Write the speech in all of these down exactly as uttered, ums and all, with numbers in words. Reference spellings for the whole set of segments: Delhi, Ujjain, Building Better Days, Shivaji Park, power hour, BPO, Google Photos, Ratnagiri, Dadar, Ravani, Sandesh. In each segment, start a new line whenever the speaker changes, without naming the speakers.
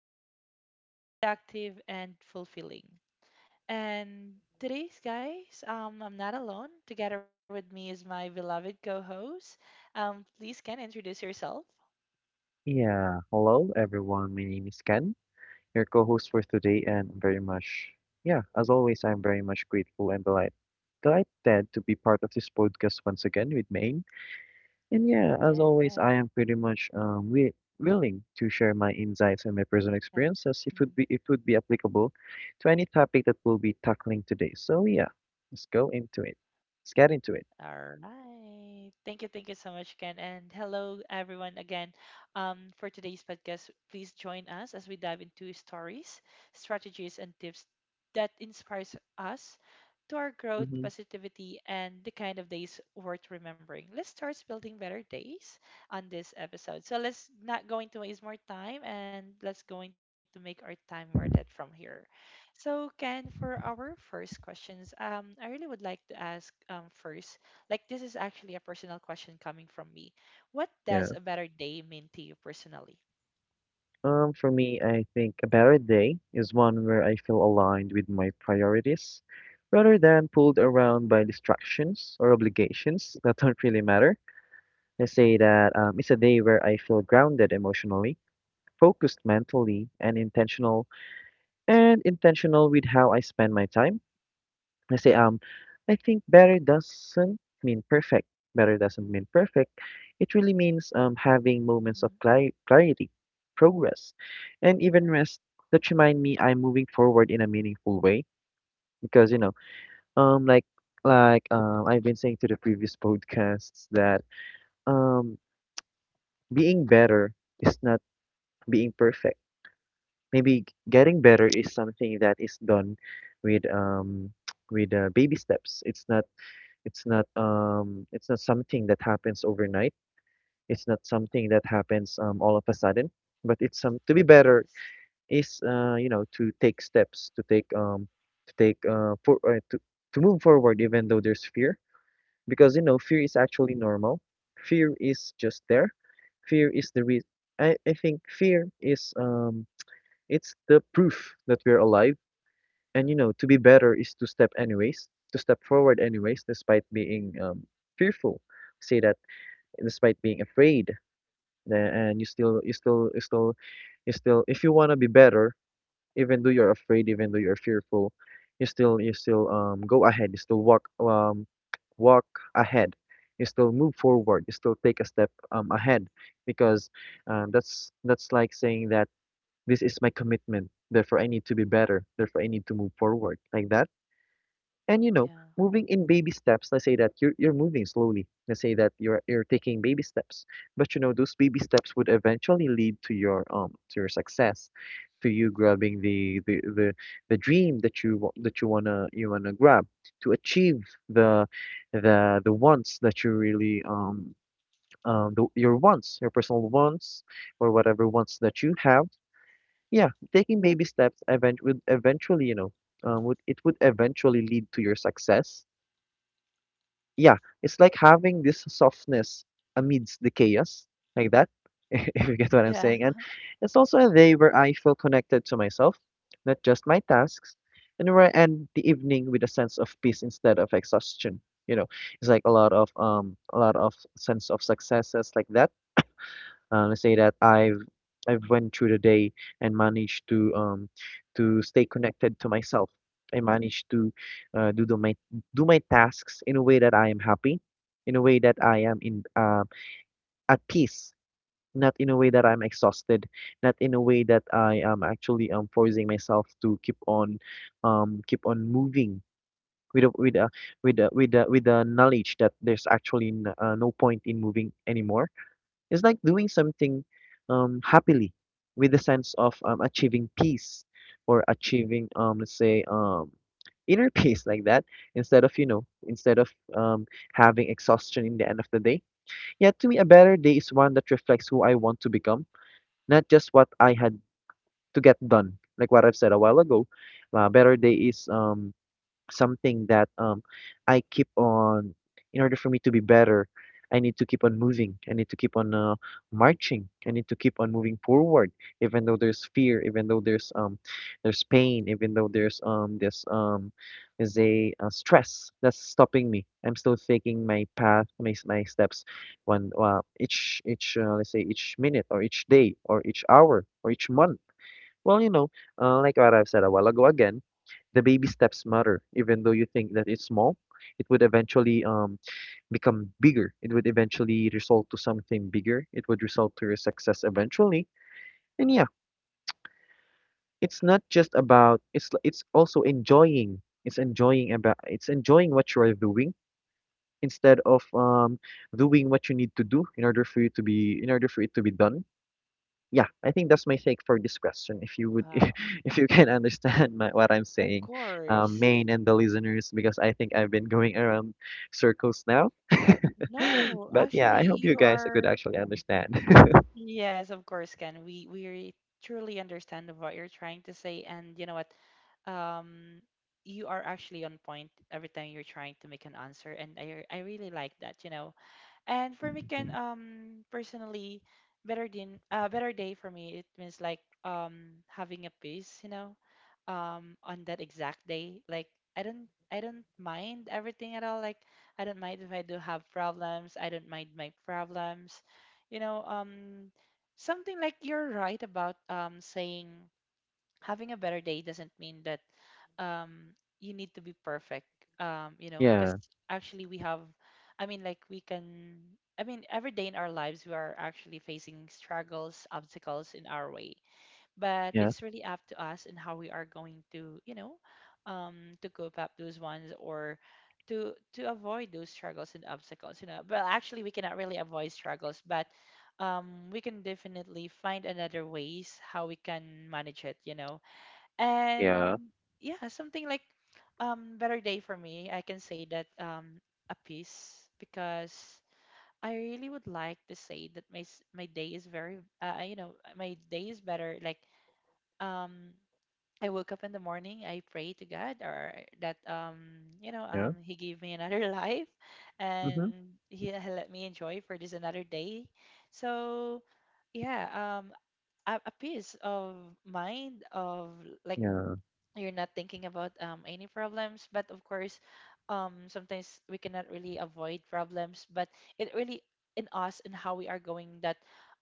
meaningful, productive, and fulfilling. And today's, guys, um, I'm not alone. Together with me is my beloved co host. Um, please can introduce yourself.
Yeah, hello everyone. My name is Ken, your co-host for today, and I'm very much, yeah, as always, I'm very much grateful and delight, delighted to be part of this podcast once again with Maine. And yeah, as
Yes.
always, I am pretty much um wi- willing to share my insights and my personal experiences. If would be if would be applicable to any topic that we'll be tackling today. So yeah, let's go into it. Let's get into it.
All right. Thank you. Thank you so much, Ken. And hello, everyone, again. Um, for today's podcast, please join us as we dive into stories, strategies, and tips that inspires us to our growth,
Mm-hmm.
positivity, and the kind of days worth remembering. Let's start building better days on this episode. So let's not going to waste more time and let's going to make our time worth it from here. So Ken, for our first questions, um, I really would like to ask um, first like, this is actually a personal question coming from me. What
Yeah.
does a better day mean to you personally?
Um, for me, I think a better day is one where I feel aligned with my priorities rather than pulled around by distractions or obligations that don't really matter. I say that um, it's a day where I feel grounded emotionally, focused mentally, and intentional, and intentional with how I spend my time. Kasi, um, I think better doesn't mean perfect. Better doesn't mean perfect. It really means
hmm
um, having moments of cli- clarity, progress, and even rest that remind me I'm moving forward in a meaningful way. Because you know, um, like like um, I've been saying to the previous podcasts that um, being better is not being perfect. Maybe g- getting better is something that is done with um with uh, baby steps. It's not. It's not um it's not something that happens overnight. It's not something that happens um all of a sudden. But it's some to be better
Yes.
is uh you know to take steps, to take um to take uh for uh, to to move forward even though there's fear, because you know fear is actually normal. Fear is just there. Fear is the re I I think fear is um it's the proof that we're alive, and you know, to be better is to step anyways, to step forward anyways, despite being um, fearful. Say that despite being afraid, tha- and you still, you still, you still, you still. If you wanna be better, even though you're afraid, even though you're fearful, you still, you still um go ahead. You still walk um walk ahead. You still move forward. You still take a step um ahead, because um, that's that's like saying that this is my commitment. Therefore, I need to be better. Therefore, I need to move forward like that. And you know,
Yeah.
moving in baby steps, let's say that you're you're moving slowly. Let's say that you're you're taking baby steps. But you know, those baby steps would eventually lead to your um to your success, to you grabbing the the the, the dream that you wa- that you wanna you wanna grab, to achieve the the the wants that you really um um the, your wants, your personal wants or whatever wants that you have. Yeah, taking baby steps event would eventually, you know, um, would it would eventually lead to your success. Yeah, it's like having this softness amidst the chaos, like that, if you get what I'm
Yeah.
saying. And it's also a day where I feel connected to myself, not just my tasks, and where I end the evening with a sense of peace instead of exhaustion. You know, it's like a lot of um, a lot of sense of successes like that. Uh, let's say that I've I've went through the day and managed to um to stay connected to myself. I managed to uh, do the, my do my tasks in a way that I am happy, in a way that I am in uh, at peace, not in a way that I'm exhausted, not in a way that I am actually um forcing myself to keep on um keep on moving with a, with a, with a, with a, with the knowledge that there's actually n- uh, no point in moving anymore. It's like doing something um, happily with a sense of um, achieving peace or achieving, um, let's say, um, inner peace like that instead of, you know, instead of um, having exhaustion in the end of the day. Yet to me, a better day is one that reflects who I want to become, not just what I had to get done. Like what I've said a while ago, a better day is um, something that um, I keep on, in order for me to be better, I need to keep on moving. I need to keep on uh, marching. I need to keep on moving forward, even though there's fear, even though there's um, there's pain, even though there's um, this um, is a uh, stress that's stopping me. I'm still taking my path, my s- my steps, one uh, each each uh, let's say each minute or each day or each hour or each month. Well, you know, uh, like what I've said a while ago again, the baby steps matter. Even though you think that it's small, it would eventually um, become bigger. It would eventually result to something bigger. It would result to your success eventually. And yeah, it's not just about it's l- it's also enjoying. It's enjoying about it's enjoying what you are doing instead of um, doing what you need to do in order for you to be in order for it to be done. Yeah, I think that's my take for this question. If you would, if,
Wow.
if you can understand my, what I'm
Of
saying, um,
course.
Maine and the listeners, because I think I've been going around circles now.
No,
But yeah,
actually,
I hope you
you
guys could
are.
actually understand.
Yes, of course, Ken. We we truly understand of what you're trying to say, and you know what? Um, you are actually on point every time you're trying to make an answer, and I I really like that. You know, and for me, can um personally better din uh, better day for me it means like um having a peace, you know, um on that exact day. Like I don't I don't mind everything at all. Like I don't mind if I do have problems. I don't mind my problems. You know, um something like you're right about um saying having a better day doesn't mean that um, you need to be perfect. Um, you know, because
Yeah,
actually we have, I mean, like we can, I mean, every day in our lives we are actually facing struggles, obstacles in our way. But
yeah,
it's really up to us and how we are going to, you know, um, to cope up those ones or to to avoid those struggles and obstacles. You know, but actually we cannot really avoid struggles, but um, we can definitely find another ways how we can manage it. You know
yeah.
and yeah something like um better day for me I can say that um a piece because I really would like to say that my s- my day is very uh, you know my day is better like um I woke up in the morning I pray to god or that um you know
Yeah,
um he gave me another life and
mm-hmm,
he let me enjoy for this another day so yeah um a, a peace of mind of like
yeah,
you're not thinking about um, any problems but of course um, sometimes we cannot really avoid problems but it really in us and how we are going that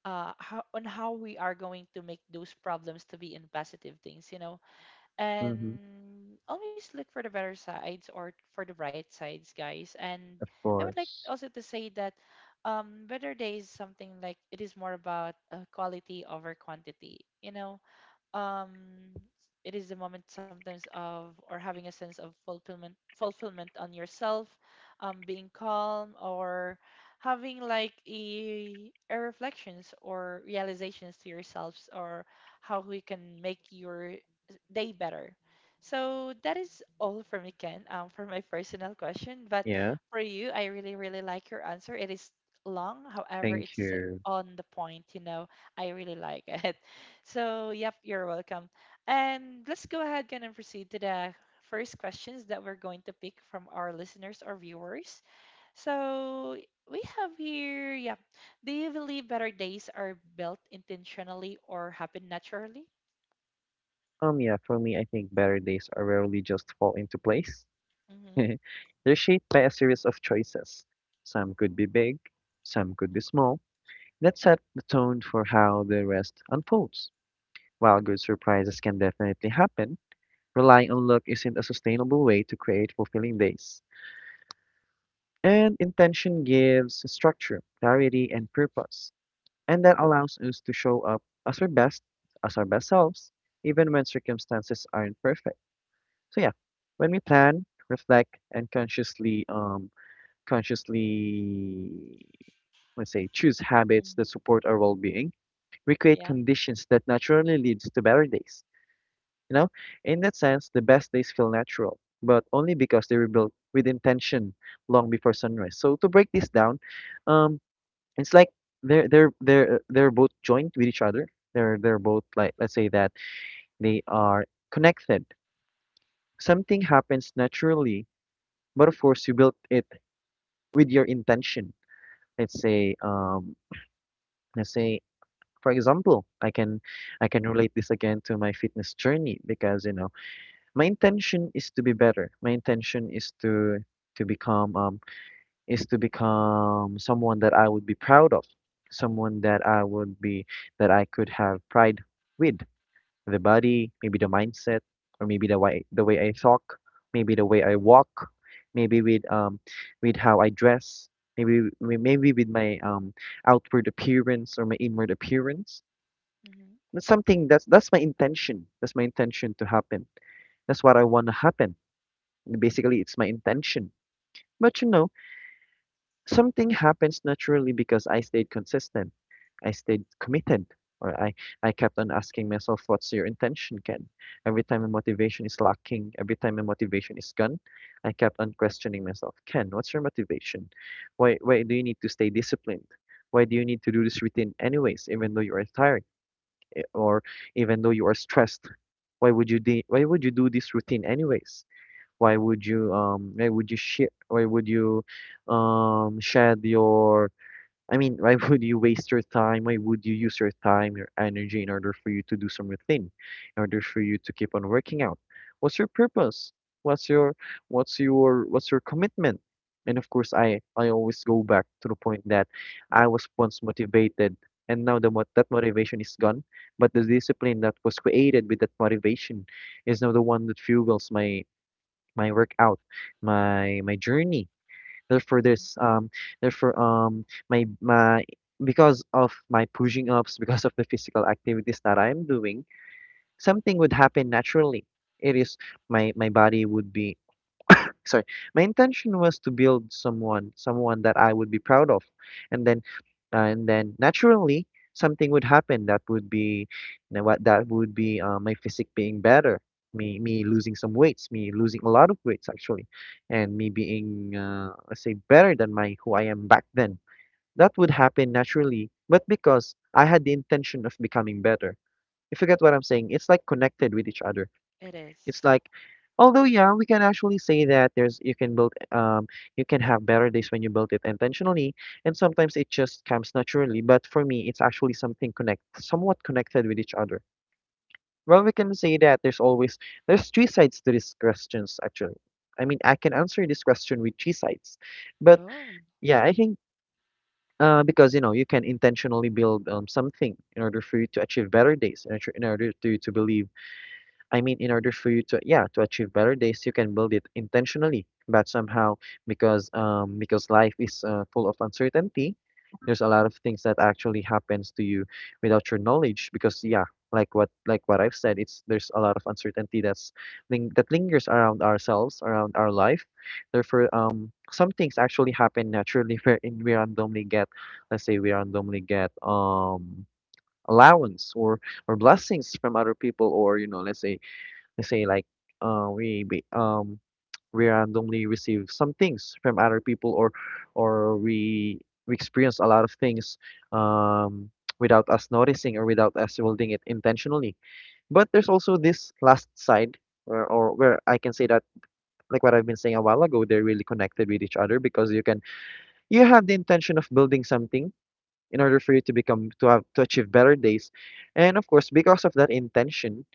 uh, how, on how we are going to make those problems to be in positive things you know
mm-hmm,
and always look for the better sides or for the bright sides guys and
of
I would like
course.
also to say that um, better days something like it is more about uh, quality over quantity you know um it is the moment sometimes of or having a sense of fulfillment fulfillment on yourself um being calm or having like a, a reflections or realizations to yourselves or how we can make your day better so that is all for me ken um, for my personal question but
Yeah,
for you I really really like your answer it is long however
thank
it's
you.
on the point you know I really like it so, yep, you're welcome. And let's go ahead again and proceed to the first questions that we're going to pick from our listeners or viewers. So, we have here, yep. Do you believe better days are built intentionally or happen naturally?
Um, yeah, for me, I think better days are rarely just fall into place.
Mm-hmm.
They're shaped by a series of choices. Some could be big, some could be small, that set the tone for how the rest unfolds. While good surprises can definitely happen, relying on luck isn't a sustainable way to create fulfilling days. And intention gives structure, clarity, and purpose, and that allows us to show up as our best, as our best selves, even when circumstances aren't perfect. So yeah, when we plan, reflect, and consciously um, consciously, let's say, choose habits
hmm
that support our well-being, we create
Yeah.
conditions that naturally leads to better days. You know, in that sense, the best days feel natural, but only because they were built with intention long before sunrise. So to break this down, um, it's like they're they're they're they're both joined with each other. They're they're both like let's say that they are connected. Something happens naturally, but of course you built it with your intention. Let's say um let's say For example, I can I can relate this again to my fitness journey because, you know, my intention is to be better. My intention is to to become um is to become someone that I would be proud of, someone that I would be that I could have pride with. The body, maybe the mindset, or maybe the way the way I talk, maybe the way I walk, maybe with um with how I dress, maybe maybe with my um outward appearance or my inward appearance.
Mm-hmm.
That's something that's that's my intention. That's my intention to happen. That's what I want to happen. Basically, it's my intention. But you know, something happens naturally because I stayed consistent. I stayed committed. Or I, I kept on asking myself, what's your intention, Ken? Every time my motivation is lacking, every time my motivation is gone, I kept on questioning myself, Ken, what's your motivation? Why, why do you need to stay disciplined? Why do you need to do this routine anyways, even though you are tired? Or even though you are stressed, why would you de why would you do this routine anyways? Why would you um why would you share why would you um shed your I mean, why would you waste your time? Why would you use your time, your energy in order for you to do something, in order for you to keep on working out? What's your purpose? What's your what's your what's your commitment? And of course, I I always go back to the point that I was once motivated, and now the mot that motivation is gone, but the discipline that was created with that motivation is now the one that fuels my my workout, my my journey. Therefore, there's um, therefore um, my my, because of my pushing ups, because of the physical activities that I am doing, something would happen naturally. It is my my body would be sorry my intention was to build someone someone that I would be proud of and then uh, and then naturally something would happen that would be you know what that would be uh, my physique being better, me me losing some weights, me losing a lot of weights actually, and me being uh, let's say better than my who I am back then. That would happen naturally, but because I had the intention of becoming better. If you get what I'm saying, it's like connected with each other.
It is.
It's like, although yeah, we can actually say that there's you can build um you can have better days when you build it intentionally, and sometimes it just comes naturally. But for me, it's actually something connect somewhat connected with each other. Well, we can say that there's always there's three sides to these questions actually. I mean, I can answer this question with three sides, but
Oh.
yeah, I think. Uh, because you know you can intentionally build um, something in order for you to achieve better days in order in order to, to believe. I mean, in order for you to, yeah, to achieve better days, you can build it intentionally. But somehow, because um, because life is uh, full of uncertainty, there's a lot of things that actually happens to you without your knowledge. Because yeah, like what like what I've said, it's there's a lot of uncertainty that's ling that lingers around ourselves, around our life. Therefore, um, some things actually happen naturally wherein we randomly get, let's say, we randomly get um allowance or or blessings from other people or you know let's say. Let's say like uh, we be- um we randomly receive some things from other people, or or we we experience a lot of things um without us noticing or without us holding it intentionally. But there's also this last side where or where I can say that like what I've been saying a while ago, they're really connected with each other because you can you have the intention of building something in order for you to become to have to achieve better days. And of course, because of that intention,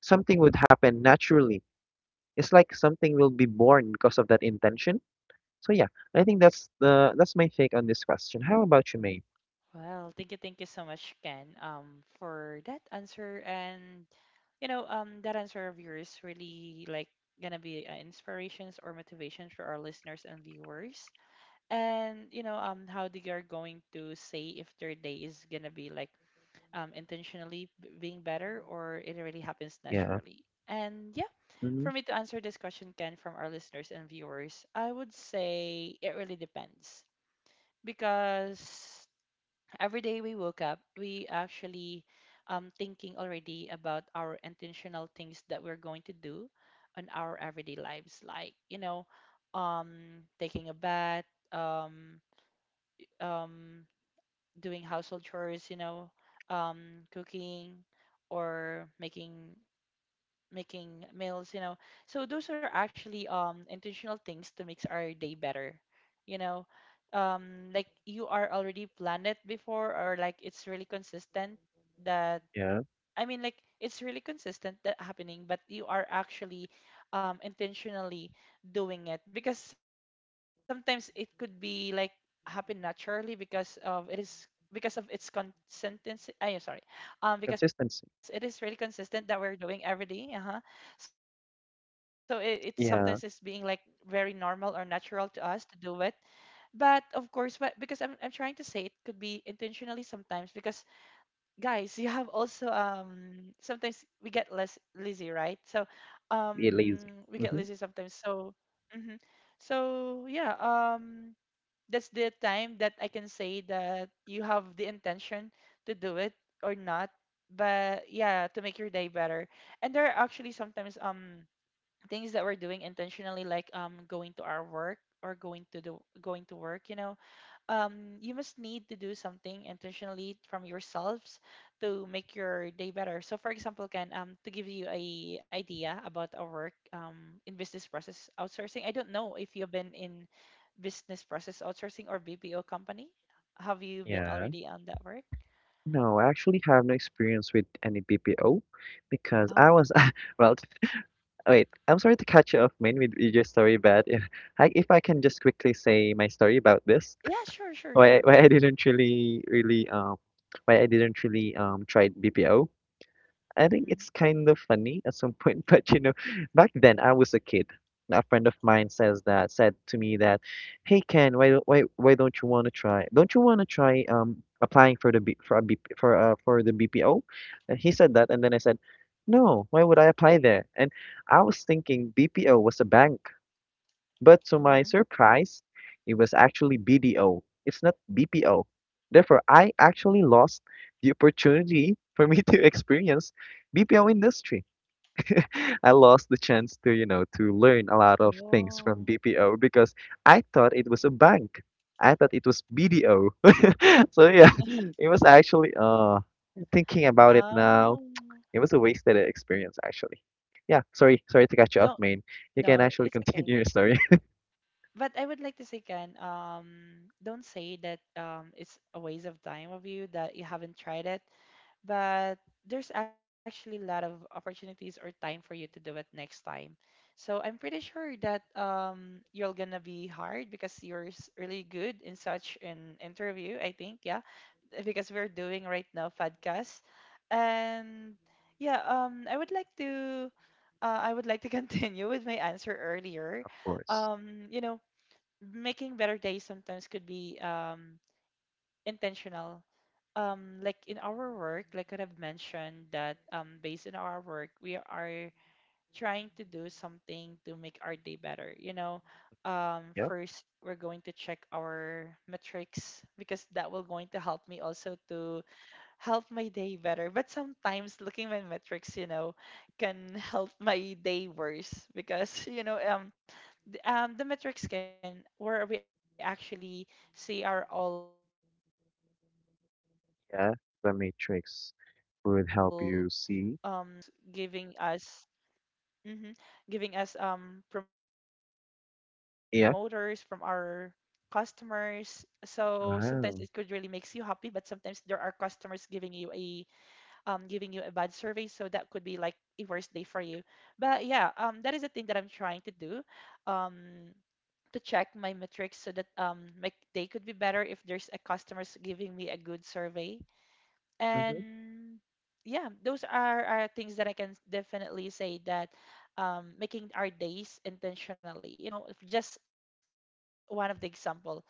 something would happen naturally. It's like something will be born because of that intention. So yeah, I think that's the that's my take on this question. How about you, May?
Well, thank you, thank you so much, Ken, um, for that answer. And you know, um, that answer of yours really like gonna be uh, inspirations or motivations for our listeners and viewers. And you know, um, how they are going to say if their day is gonna be like um intentionally b- being better or it really happens
Yeah.
naturally. And yeah,
Hmm.
for me to answer this question, Ken, from our listeners and viewers, I would say it really depends because every day we woke up, we actually um thinking already about our intentional things that we're going to do on our everyday lives, like you know, um taking a bath, um um doing household chores, you know, um cooking or making making meals, you know. So those are actually um intentional things to make our day better, you know. Um, like you are already planned it before, or like it's really consistent that
Yeah.
I mean, like it's really consistent that happening, but you are actually um, intentionally doing it because sometimes it could be like happen naturally because of it is because of its consistency. I am sorry, um,
Consistency.
because it is really consistent that we're doing every day. Uh-huh. So it, it sometimes is being
Yeah.
like very normal or natural to us to do it, but of course, but because I'm I'm trying to say it could be intentionally sometimes because guys, you have also um sometimes we get less lazy, right? So
Be lazy.
um we
Hmm.
get lazy sometimes. So hmm so yeah, um that's the time that I can say that you have the intention to do it or not. But yeah, to make your day better. And there are actually sometimes um things that we're doing intentionally like um going to our work or going to the going to work, you know um, you must need to do something intentionally from yourselves to make your day better. So, for example, Ken, um, to give you a idea about our work um, in business process outsourcing, I don't know if you've been in business process outsourcing or B P O company. Have you been
Yeah.
already on that work?
No, I actually have no experience with any B P O because I
Oh,
was well. Wait, I'm sorry to catch you off, Main, with with your story, but if I if I can just quickly say my story about this,
yeah, sure, sure,
why I-
sure.
why
Go
I
ahead.
didn't really really um why I didn't really um try B P O. I think
Mm-hmm.
it's kind of funny at some point, but you know, back then I was a kid. A friend of mine says that said to me that, "Hey Ken, why don't why why don't you want to try? Don't you want to try um applying for the B, for a B, for uh for the B P O?" And he said that, and then I said, "No, why would I apply there?" And I was thinking B P O was a bank. But to my
Mm-hmm.
surprise, it was actually B D O. It's not B P O. Therefore, I actually lost the opportunity for me to experience B P O industry. I lost the chance to, you know, to learn a lot of things from
Oh,
B P O because I thought it was a bank. I thought it was B D O. So yeah, it was actually uh thinking about it now,
oh,
it was a wasted experience actually. Yeah, sorry, sorry to cut you off,
don't.
main. You can
No,
actually
it's okay.
continue your story.
But I would like to say, Ken, um, don't say that um, it's a waste of time of you that you haven't tried it. But there's actually a lot of opportunities or time for you to do it next time. So I'm pretty sure that um, you're gonna be hard because you're s- really good in such an interview. I think, yeah, because we're doing right now podcast, and yeah, um, I would like to, uh, I would like to continue with my answer earlier.
Of course.
Um, you know making better days sometimes could be um, intentional. Um, like in our work, like what I've mentioned, that um, based on our work, we are trying to do something to make our day better. You know, um,
Yeah,
first we're going to check our metrics because that will going to help me also to help my day better. But sometimes looking at metrics, you know, can help my day worse because you know, um, the, um, the metrics can where we actually see our all, um, you know,
yeah.
the
The
metrics is where we can
matrix
see like if
would
the
help you
customers
see.
giving us, mhm, giving us um promoters from our
Yeah.
customers so sometimes it could really makes you happy but
Wow.
sometimes there are customers giving you a um, giving you a bad survey. So that could be like a worse day for you. But yeah, um, that is the thing that I'm trying to do um, to check my metrics so that um, my day could be better if there's a customers giving me a good survey.
Mm-hmm.
And yeah, those are, are things that I can definitely say that um, making our days intentionally. You know, if just one of the example.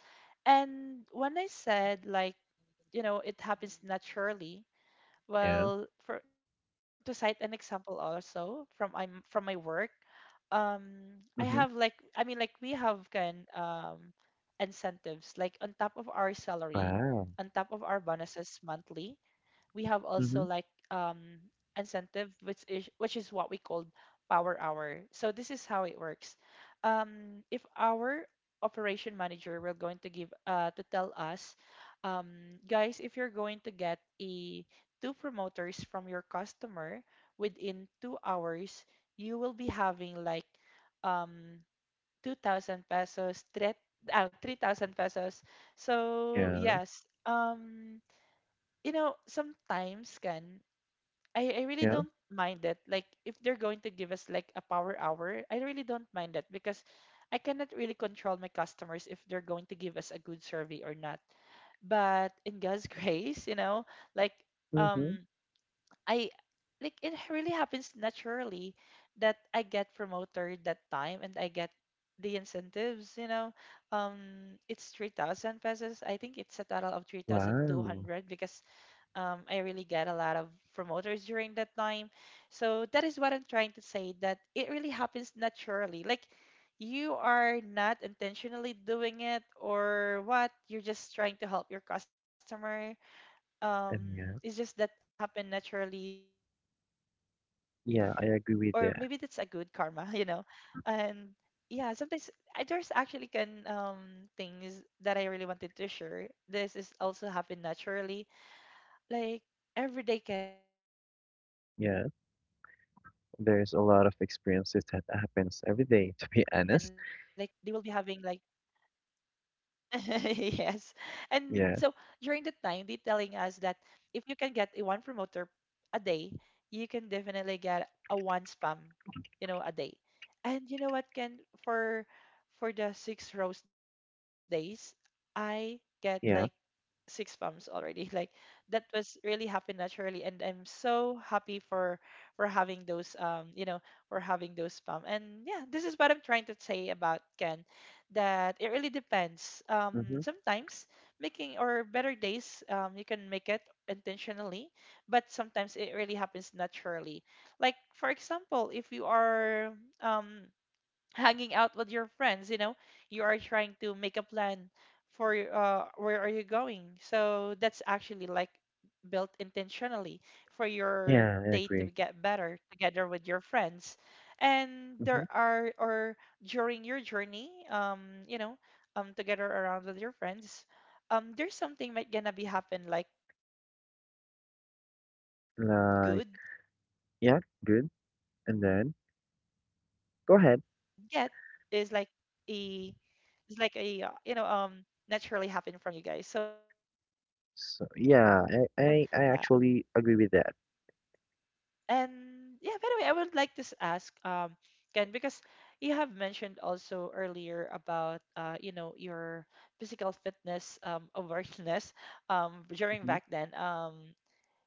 And when I said like you know it happens naturally
Yeah.
well, for to cite an example also from I'm from my work, um, I have
Mm-hmm.
like I mean like we have can um incentives like on top of our salary,
Wow.
on top of our bonuses monthly we have also
Mm-hmm.
like um incentive which is which is what we called power hour so this is how it works um if our operation manager will going to give uh to tell us um guys if you're going to get a two promoters from your customer within two hours you will be having like um two thousand pesos three uh, three thousand pesos so
Yeah.
yes um you know, sometimes can I, I really
Yeah.
don't mind it. Like if they're going to give us like a power hour, I really don't mind that because I cannot really control my customers if they're going to give us a good survey or not. But in God's grace, you know, like
Mm-hmm.
um I like it really happens naturally that I get promoted that time and I get the incentives, you know. Um it's three thousand pesos. I think it's a total of
Wow.
three thousand two hundred because um, I really get a lot of promoters during that time. So that is what I'm trying to say that it really happens naturally. Like you are not intentionally doing it or what, you're just trying to help your customer.
And
Um, it's
yeah.
just that happened naturally, or maybe that's a good
Yeah,
karma,
I
you
agree
know.
with that.
And yeah, sometimes I, there's actually can um things that I really wanted to share. This is also happened naturally, like every day, can, like, for a one week
Yeah.
row um for that
There's a
one
lot of
they
experiences
will be
that
having
happens
like
every day, to be honest.
yes. And so during the time, they
Yeah.
telling us that if you can get a one promoter a day, you can definitely get a one spam, you know, a day. And you know what, Ken, for for the six rows days, I get like
Yeah.
six spams already. Like that was really happened naturally, and I'm so happy for for having those um, you know, for having those spam. And yeah, this is what I'm trying to say about Ken that it really depends. Um,
Mm-hmm.
sometimes making or better days, um, you can make it intentionally, but sometimes it really happens naturally. Like for example, if you are um, hanging out with your friends, you know you are trying to make a plan for your, uh, where are you going, so that's actually like built intentionally for your
Yeah, I
day to
agree.
get better together with your friends. And
Mm-hmm.
there are or during your journey, um you know um together around with your friends, um there's something that gonna be happen, like good, and that
Like,
good happenings that you have
yeah, good.
um
And
get
then
is like
go ahead.
a it's like a, uh, you know um naturally happen from you guys. So this is what I'm trying to say that it's really
So
depends, Ken.
yeah, I I, I
Yeah.
actually agree with that.
And yeah, by the way, I would like to s- ask, um, Ken, because you have mentioned also earlier about uh, you know, your physical fitness um awareness um during
Mm-hmm.
back then. Um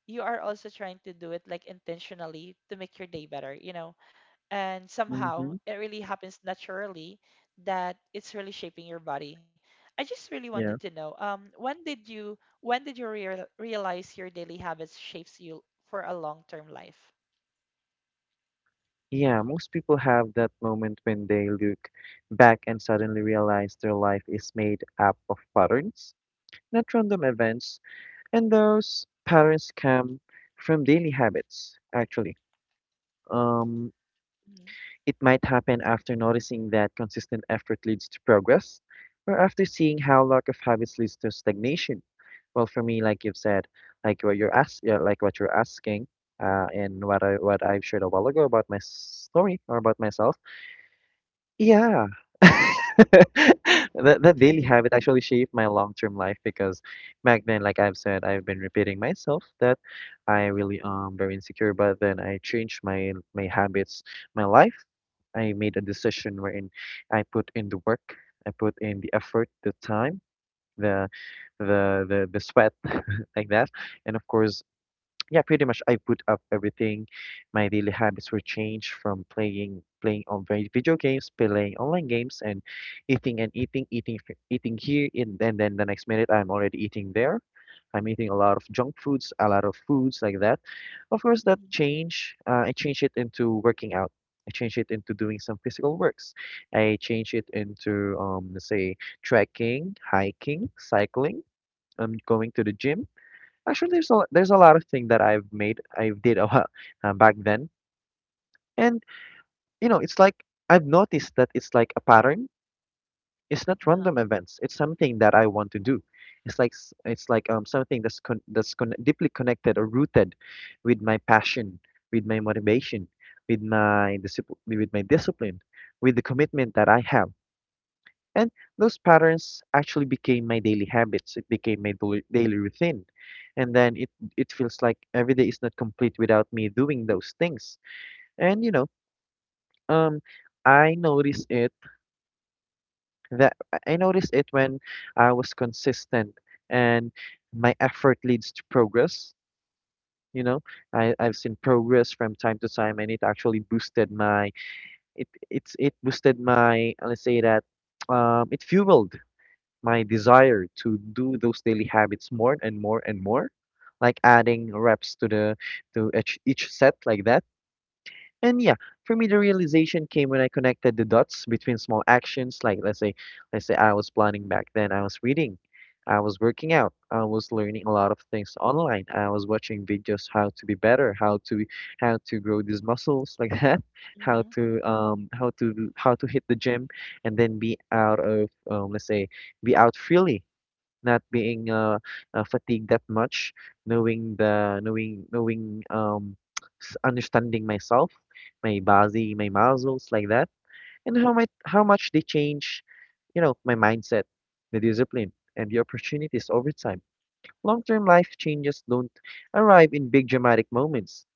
you are also trying to do it like intentionally to make your day better, you know. And somehow
Mm-hmm.
it really happens naturally that it's really shaping your body. I just really wanted to
Yeah.
know um when did you when did you real realize your daily habits shapes you for a long-term life.
Yeah, most people have that moment when they look back and suddenly realize their life is made up of patterns, not random events, and those patterns come from daily habits, actually. Um,
Hmm.
it might happen after noticing that consistent effort leads to progress, or after seeing how lack of habits leads to stagnation. Well, for me, like you've said, like what you're ask, yeah, like what you're asking, uh, and what I what I've shared a while ago about my story or about myself. Yeah. That that daily habit
Mhm.
actually shaped my long-term life because back then, like I've said, I've been repeating myself that I really am very insecure, but then I changed my my habits, my life. I made a decision wherein I put in the work, I put in the effort, the time, the the the the sweat like that. And of course, yeah, pretty much I put up everything. My daily habits were changed from playing playing on vi- video games, playing online games, and eating and eating, eating, f- eating here, and then then the next minute I'm already eating there. I'm eating a lot of junk foods, a lot of foods like that. Of course, that change, uh, I changed it into working out. I changed it into doing some physical works. I changed it into, um, let's say, trekking, hiking, cycling. I'm going to the gym. Actually, there's a there's a lot of things that I've made I did a while uh, back then, and you know it's like I've noticed that it's like a pattern. It's not random
Uh-huh.
events. It's something that I want to do. It's like s- it's like um something that's con that's con deeply connected or rooted with my passion, with my motivation, with my discipline, with my discipline, with the commitment that I have. And those patterns actually became my daily habits. It became my doi- daily routine. And then it it feels like every day is not complete without me doing those things. And you know, um, I notice it that I notice it when I was consistent and my effort leads to progress. You know, I, I've seen progress from time to time and it actually boosted my it it's it boosted my let's say that um it fueled my desire to do those daily habits more and more and more, like adding reps to the to each, each set like that. And yeah, for me the realization came when I connected the dots between small actions like let's say let's say I was planning back then, I was reading, I was working out, I was learning a lot of things online, I was watching videos how to be better, how to how to grow these muscles like that, how
Hmm.
to um how to how to hit the gym and then be out of um, let's say be out freely, not being uh, uh fatigued that much, knowing the knowing knowing um s- understanding myself, my body, my muscles like that, and how much how much they change, you know, my mindset, the discipline, and the opportunities over time. Long term life changes don't arrive in big dramatic moments.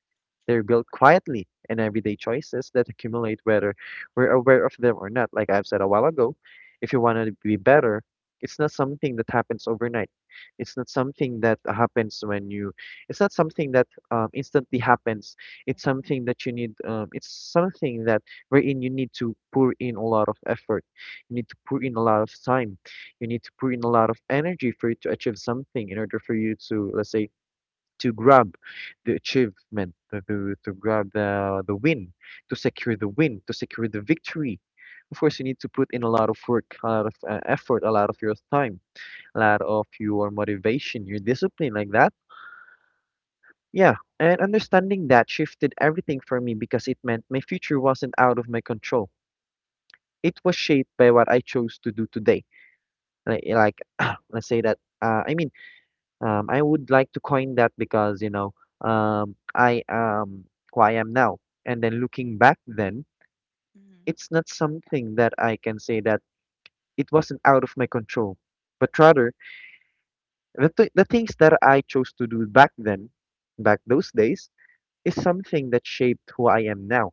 They're built quietly in everyday choices that accumulate whether we're aware of them or not. Like I've said a while ago, if you want to be better, it's not something that happens overnight. It's not something that happens when you, it's not something that um, instantly happens. It's something
Mhm.
that you need, um, it's something that wherein you need to pour in a lot of effort. You need to pour in a lot of time. You need to pour in a lot of energy for you to achieve something in order for you to, let's say, to grab the achievement, to, to, to grab the, the win, to secure the win, to secure the victory. Of course, you need to put in a lot of work, a lot of uh, effort, a lot of your time, a lot of your motivation, your discipline, like that. Yeah, and understanding that shifted everything for me because it meant my future wasn't out of my control. It was shaped by what I chose to do today. Like, like let's say that, uh, I mean, Um, I would like to coin that because, you know, um, I am who I am now. And then looking back then,
Hmm.
it's not something that I can say that it wasn't out of my control, but rather the, th the things that I chose to do back then, back those days, is something that shaped who I am now.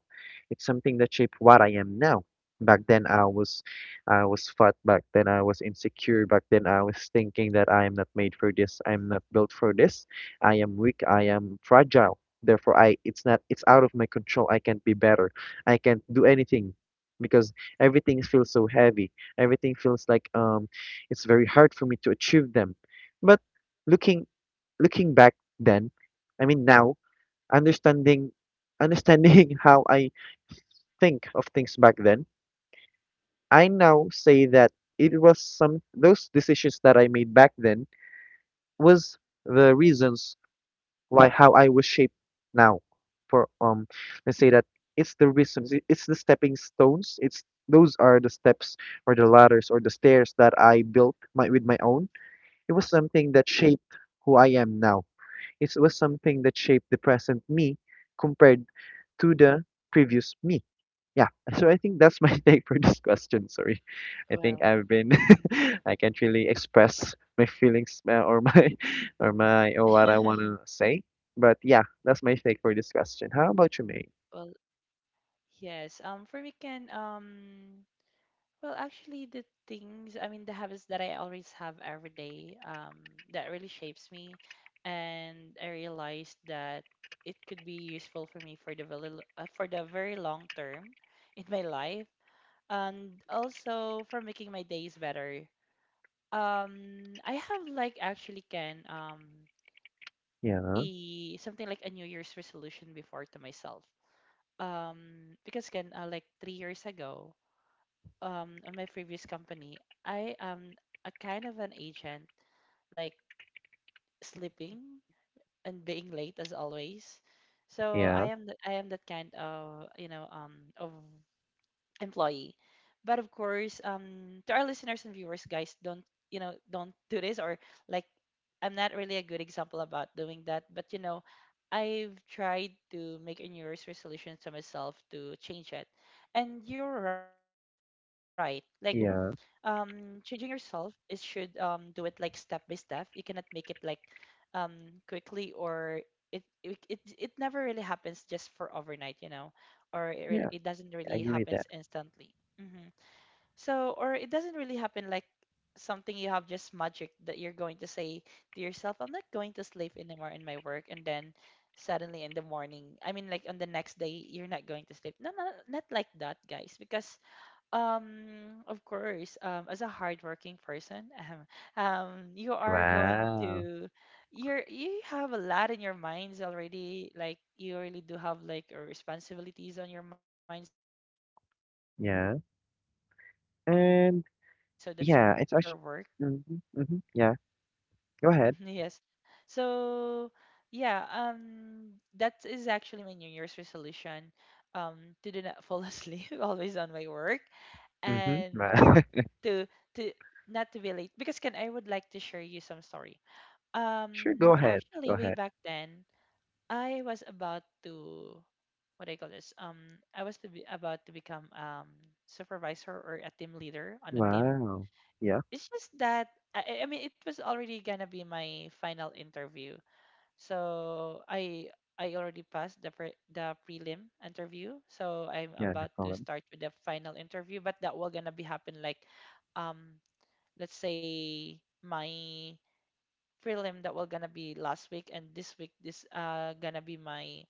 It's something that shaped what I am now. Back then I was I was fat, back then I was insecure, back then I was thinking that I am not made for this, I'm not built for this, I am weak, I am fragile. Therefore I it's not it's out of my control. I can't be better. I can't do anything because everything feels so heavy. Everything feels like um it's very hard for me to achieve them. But looking looking back then, I mean now understanding understanding how I think of things back then, I now say that it was some those decisions that I made back then was the reasons why how I was shaped now. For um, let's say that it's the reasons, it- it's the stepping stones, it's those are the steps or the ladders or the stairs that I built my with my own. It was something that shaped who I am now. It was something that shaped the present me compared to the previous me. Yeah, so I think that's my take for this question. Sorry, I
Well.
think I've been,
Mhm.
I can't really express my feelings uh, or my, or my, or what I want
Mhm.
to say. But yeah, that's my take for this question. How about you, May?
Well, yes, um for me, can, um well, actually, the things, I mean, the habits that I always have every day, um, that really shapes me. And I realized that it could be useful for me for the very, l- uh, for the very long term in my life, and also for making my days better. Um, I have like actually, can, um
Yeah,
a something like a New Year's resolution before to myself. Um, because can, uh, like three years ago. um on my previous company, I am a kind of an agent, like sleeping and being late as always. So
yeah,
I am the, I am that kind of, you know um of employee. But of course, um to our listeners and viewers, guys, don't you know don't do this, or like, I'm not really a good example about doing that. But you know, I've tried to make a New Year's resolution to myself to change it. And you're right. Like, um
yeah,
changing yourself is should, um do it like step by step. You cannot make it like um quickly, or it it it, it never really happens just for overnight, you know or it, re-
yeah,
it doesn't
I
really
agree with that.
happens instantly. Hmm. So, or it doesn't really happen like something you have, just magic that you're going to say to yourself, I'm not going to sleep anymore in my work, and then suddenly in the morning, I mean, like, on the next day, you're not going to sleep. No, no, not like that, guys. Because um, of course, um, as a hardworking person, um, um, you are going
Wow.
to, you're, you have a lot in your minds already. Like you really do have like, uh, responsibilities on your mind, so that's why sometimes you
Yeah.
cannot really avoid to fall
And
asleep during your
yeah, it's
work.
actually, mm-hmm, mm-hmm, yeah, go ahead.
Yes. So yeah, um, that is actually my New Year's resolution, um, to do not fall asleep always on my work.
Mm-hmm,
And
wow.
to to not to be, because Ken, I would like to share you some story.
Sure, go
Um,
ahead,
actually,
go
way
ahead.
back then, I was about to, what do I call this? Um, I was to be about to become um supervisor or a team leader on a team.
Wow. Yeah,
It's just that I, I I mean it was already gonna be my final interview, so I I already passed the pre the prelim interview. So I'm
yeah, no
about to
problem.
start with the final interview, but that will gonna be happen like, um let's say my prelim that will gonna be last week, and this week this uh gonna be my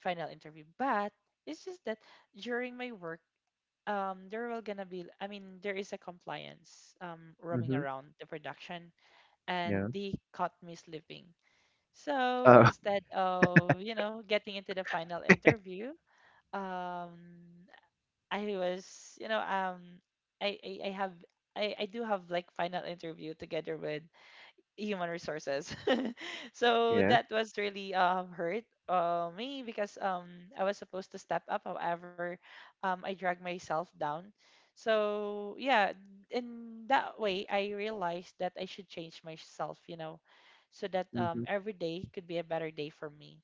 final interview. But it's just that during my work, um there will gonna be I mean there is a compliance, um roaming
Mhm.
around the production, and
Yeah.
they caught me sleeping. So
Oh,
instead of, you know, getting into the final interview, um, I was, you know, um, I, I, I have, I, I do have like final interview together with human resources. So
yeah.
that was really um hurt, uh, me, because um I was supposed to step up. However, um I dragged myself down. So yeah, in that way I realized that I should change myself. You know, so that um
Mhm.
every day could be a better day for me.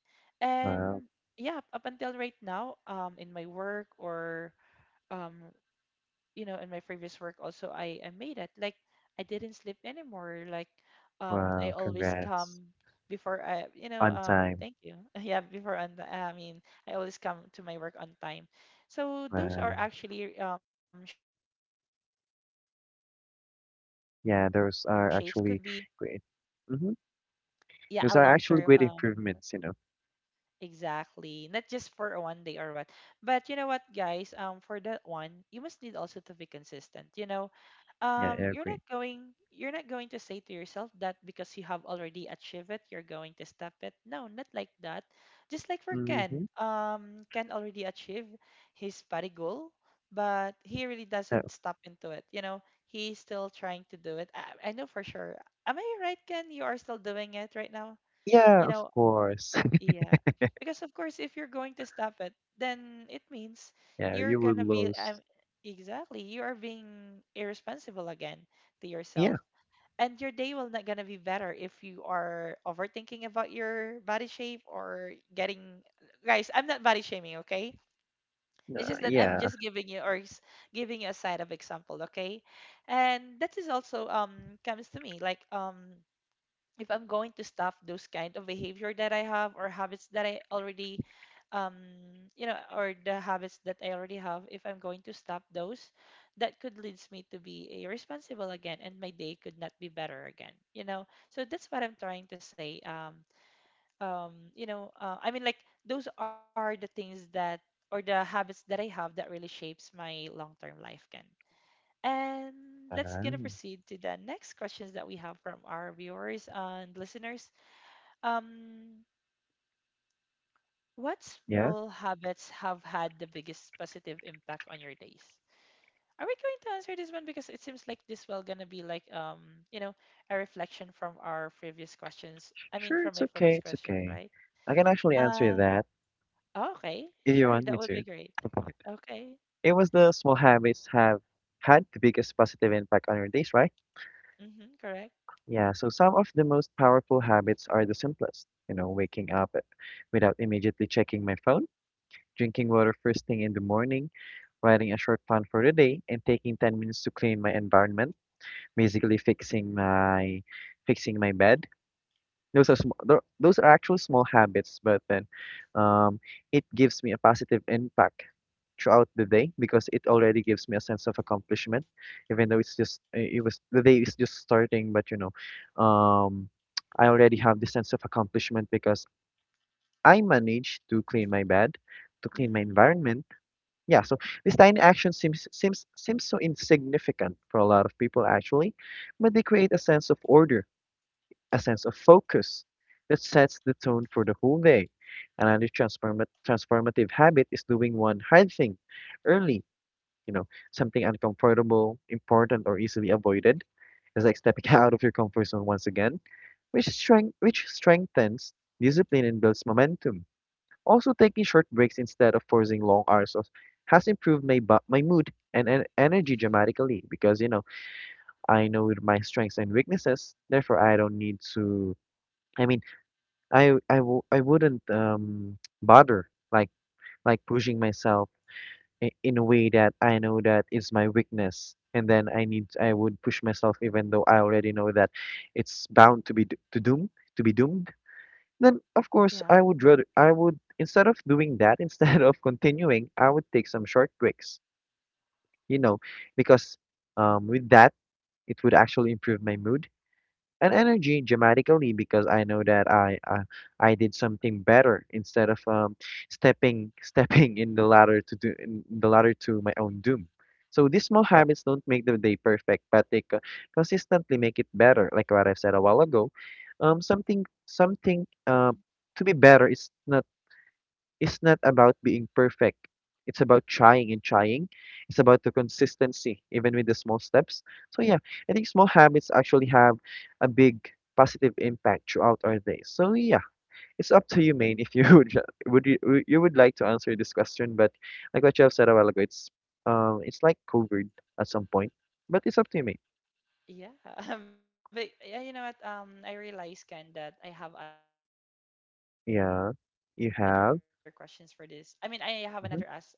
Wow.
And yeah, up until right now, um in my work, or um you know in my previous work also, I I made it like, I didn't sleep anymore like um I
Wow,
always
congrats.
come before, I, you know
On
um
time.
thank you, yeah, before on the, I mean, I always come to my work on time. So those are
Wow.
actually, um shapes me, you know um those long term, I mean, th-
Yeah,
those
those
could
are
be,
actually great. Mhm.
yeah, a
Those are
long
actually
term,
great
um
improvements, you know.
exactly. Not just for a one day or what. But you know what, guys? Um, for that one, you must need also to be consistent. You know,
Yeah, I
um, you're not
agree.
going, you're not going to say to yourself that, because you have already achieved it, you're going to stop it. No, not like that. Just like for
Mhm.
Ken, um, Ken already achieved his party goal, but he really
Oh,
doesn't stop into it. You know, he's still trying to do it. I, I know for sure. Am I right, Ken? You are still doing it right now. You
yeah, of
know,
course.
yeah. Because of course, if you're going to stop it, then it means
Yeah,
you're
you would
gonna be um,
lose.
exactly, you are being irresponsible again to
Yeah.
yourself. And your day will not gonna be better if you are overthinking about your body shape, or getting, guys, I'm not body shaming, okay? It's
Uh,
just that I'm
yeah.
just giving you, or s- giving you a side of example, okay? And that is also, um comes to me like, um if I'm going to stop those kind of behavior that I have or habits that I already, um you know or the habits that I already have, if I'm going to stop those, that could leads me to be irresponsible again, and my day could not be better again, you know so that's what I'm trying to say. um um you know uh, I mean, like, those are the things that or the habits that I have, that really shapes my long-term life, Ken. And let's gonna
Um,
proceed to the next questions that we have from our viewers and listeners. Um, what
yeah.
small habits have had the biggest positive impact on your days? Are we going to answer this one? Because it seems like this will gonna be like, um, you know, a reflection from our previous questions. I mean,
Sure,
from
it's
my
okay.
previous
It's
questions,
okay.
right?
I can actually answer
Um,
that
oh, okay,
if you
sure,
want me
that would
to.
be great. Okay.
It was the small habits have had the biggest positive impact on our days, right?
Mm-hmm, correct.
Yeah, so some of the most powerful habits are the simplest. You know, waking up without immediately checking my phone, drinking water first thing in the morning, writing a short plan for the day, and taking ten minutes to clean my environment, basically fixing my fixing my bed. Those are sm- tho- those are actual small habits, but then um, it gives me a positive impact throughout the day because it already gives me a sense of accomplishment, even though it's just uh, it was the day is just starting, but you know, um, I already have the sense of accomplishment because I managed to clean my bed, to clean my
Mm-hmm.
environment. Yeah, so this tiny action seems seems seems so insignificant for a lot of people actually, but they create a sense of order, a sense of focus that sets the tone for the whole day. Another transforma- transformative habit is doing one hard thing early, you know, something uncomfortable, important, or easily avoided. It's like stepping out of your comfort zone once again, which strength which strengthens discipline and builds momentum. Also, taking short breaks instead of forcing long hours of has improved my bu- my mood and en- energy dramatically, because you know I know my strengths and weaknesses. Therefore, I don't need to. I mean, I I w- I wouldn't um bother like like pushing myself i- in a way that I know that is my weakness. And then I need, I would push myself, even though I already know that it's bound to be d- to doom, to be doomed. Then of course
Yeah.
I would rather, I would, instead of doing that, instead of continuing, I would take some short breaks, you know, because um, with that it would actually improve my mood and energy dramatically, because I know that I uh, I did something better instead of um, stepping stepping in the ladder to do in the ladder to my own doom. So these small habits don't make the day perfect, but they co- consistently make it better. Like what I said a while ago, um, something
Mm-hmm.
something uh, to be better is not it's not about being perfect. It's about trying and trying. It's about the consistency, even with the small steps. So yeah, I think small habits actually have a big positive impact throughout our day. So yeah, it's up to you, Maine, if you would would you, would- you would like to answer this question. But like what you have said a while ago, it's um it's like covered at some point, but it's up to you, Maine.
Yeah. But yeah, you know what? Um, I realized, Ken, that I have other questions for this. I mean, I have another
Yeah,
as
you
answer for this
have.
question. Uh-huh.
Hmm.
So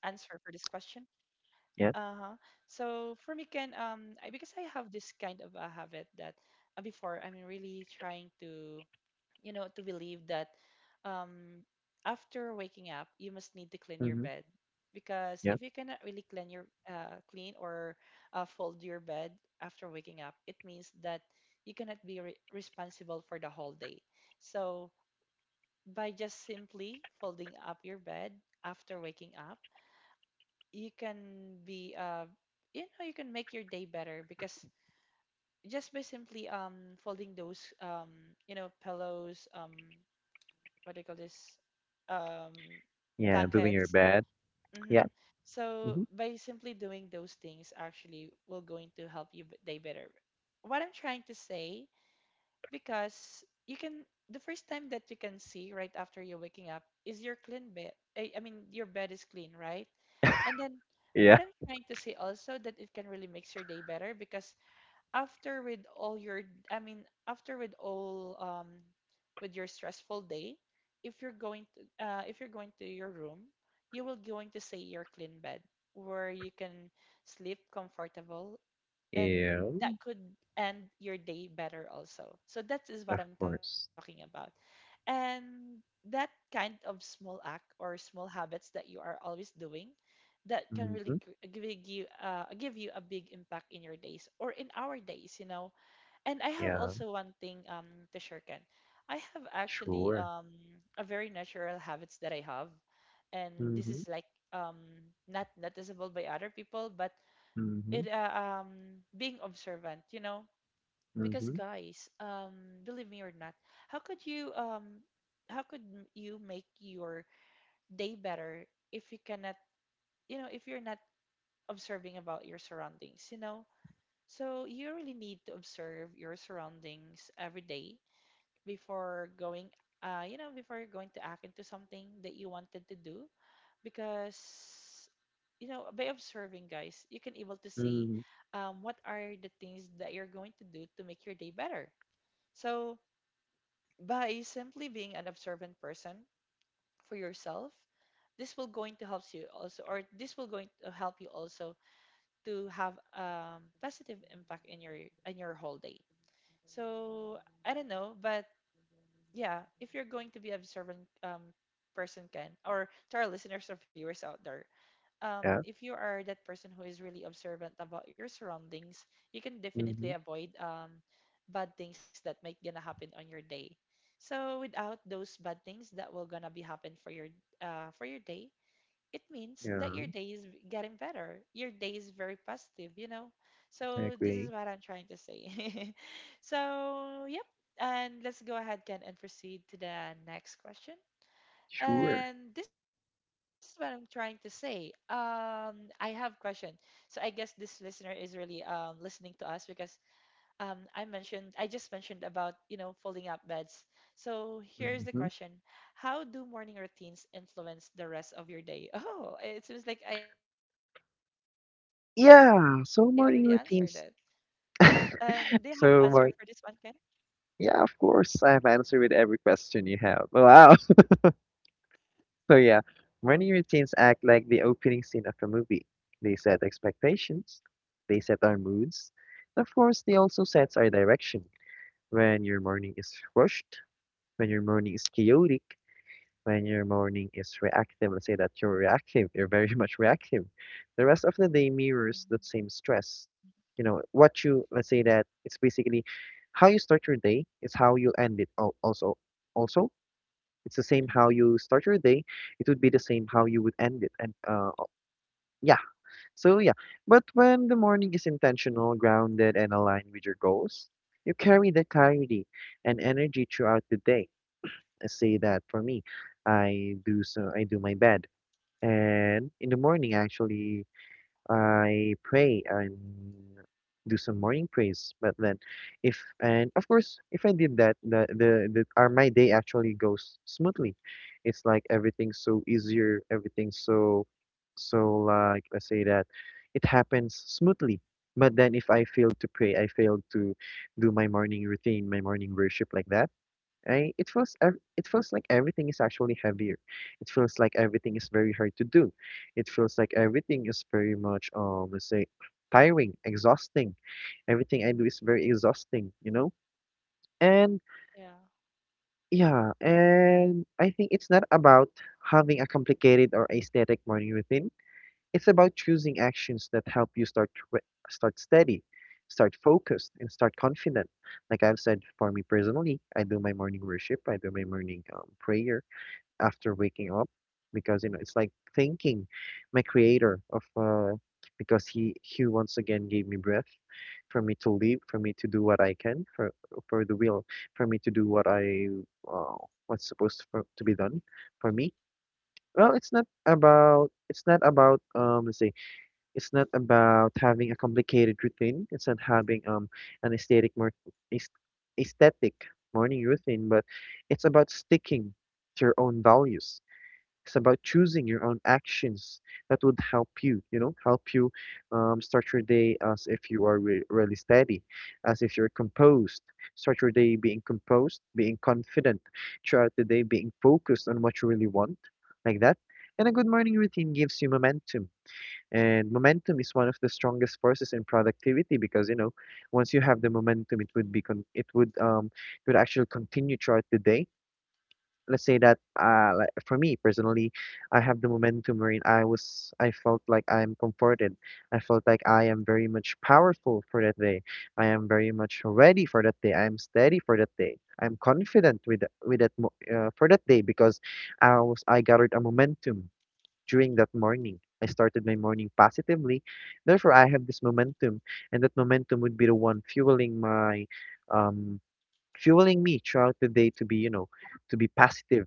for me, can, um,
Yeah.
I, because I have this kind of a habit that, uh, before I'm really trying to, you know, to believe that, um, after waking up, you must need to clean your bed,
Hmm.
because if you cannot
Yeah.
really clean your, uh, clean, or uh, fold your bed after waking up, it means that you cannot be re responsible for the whole day. So by just simply folding up your bed after waking up, you can be, uh you know, you can make your day better. Because just by simply, um folding those, um you know, pillows, um what do you call this, um
Yeah. Doing your
blankets.
bed. Yeah.
Mm-hmm. So
Hmm.
by simply doing those things actually will going to help you b- day better. What I'm trying to say, because you can, the first time that you can see right after you're waking up is your clean bed. I, I mean your bed is clean, right? And then
Yeah.
what I'm trying to say also, that it can really makes your day better because after with all your, I mean after with all um with your stressful day, if you're going to uh, if you're going to your room, you will going to see your clean bed where you can sleep comfortable, and
Yeah.
that could end your day better also. So that is what
Of
I'm talking
course.
about. And that kind of small act or small habits that you are always doing, that can really
Mhm.
g- give you uh, give you a big impact in your days or in our days, you know. And I have
Yeah,
also one thing um to share, Ken. I have actually
sure.
um a very natural habits that I have, and this
Mhm.
is like um not noticeable by other people, but
Mhm.
it uh, um being observant, you know. Because
Mhm.
guys, um believe me or not, how could you um how could m- you make your day better if you cannot, you know, if you're not observing about your surroundings, you know? So you really need to observe your surroundings every day before going, uh you know, before you're going to act into something that you wanted to do. Because you know, by observing guys, you can able to see
Mhm.
um, what are the things that you're going to do to make your day better. So by simply being an observant person for yourself, this will going to help you also, or this will going to help you also to have um, positive impact in your, in your whole day. So I don't know, but yeah, if you're going to be observant um, person, can, or to our listeners or viewers out there, um,
Yeah.
if you are that person who is really observant about your surroundings, you can definitely
Mhm.
avoid um, bad things that might gonna happen on your day. So without those bad things that will gonna be happen for your, uh, for your day, it means that
Yeah,
your day is getting better. Your day is very positive, you know.
I
So this is
agree.
what I'm trying to say. So yep, and let's go ahead, Ken, and proceed to the next question.
Sure.
And this is what I'm trying to say. Um, I have question. So I guess this listener is really um, listening to us because, um, I mentioned I just mentioned about, you know, folding up beds. So here's the question:
Mhm.
how do morning routines influence the rest of your day? Oh, it seems like I already answered it.
Yeah,
And they
so
have
morning
answer for
routines.
this one, Ken?
So morning. Yeah, of course. I have answered with every question you have. Wow. So yeah, morning routines act like the opening scene of a movie. They set expectations. They set our moods. and of course, they also sets our direction. When your morning is rushed, when your morning is chaotic, When your morning is reactive, let's say that you're reactive, you're very much reactive. The rest of the
Hmm.
day mirrors that same stress. You know, what you, let's say that it's basically how you start your day is how you end it al- also. Also, it's the same
Hmm.
how you start your day, it would be the same how you would end it. And uh, o- yeah, so yeah. But when the morning is intentional, grounded, and aligned with your goals, you carry the clarity and energy throughout the day. Say that for me, I do so I do my bed, and in the morning actually I pray and do some morning praise. But then, if and of course, if I did that, the the, the our my day actually goes smoothly. It's like everything's so easier, everything's so so like let's say that it happens smoothly. But then if I fail to pray, I fail to do my morning routine, my morning worship, like that, I, it feels ev- it feels like everything is actually heavier. It feels like everything is very hard to do. It feels like everything is very much um let's say tiring, exhausting. Everything I do is very exhausting, you know? And
Yeah.
yeah, and I think it's not about having a complicated or aesthetic morning routine. It's about choosing actions that help you start re- start steady, start focused, and start confident. Like I've said, for me personally, I do my morning worship, I do my morning um, prayer after waking up, because you know it's like thanking my creator of uh because he he once again gave me breath, for me to live, for me to do what I can for for the will, for me to do what I uh, what's supposed for, to be done for me. Well, it's not about, it's not about um let's say, it's not about having a complicated routine, it's not having um an aesthetic more aesthetic morning routine,
Hmm.
but it's about sticking to your own values, it's about choosing your own actions that would help you, you know, help you um, start your day as if you are re really steady, as if you're composed. Start your day being composed, being confident throughout the day, being focused on what you really want, like that. And a good morning routine gives you momentum. And momentum is one of the strongest forces in productivity because, you know, once you have the momentum, it would be con it would um it would actually continue throughout the day. Let's say that uh like, for me personally, I have the momentum wherein i was I felt like I'm comforted, I felt like I am very much powerful for that day, I am very much ready for that day, I am steady for that day, I'm confident with th- with that mo- uh, for that day, because i was I gathered a momentum during that morning, I started my morning positively, therefore I have this momentum, and that momentum would be the one fueling my um fueling me throughout the day, to be you know to be positive,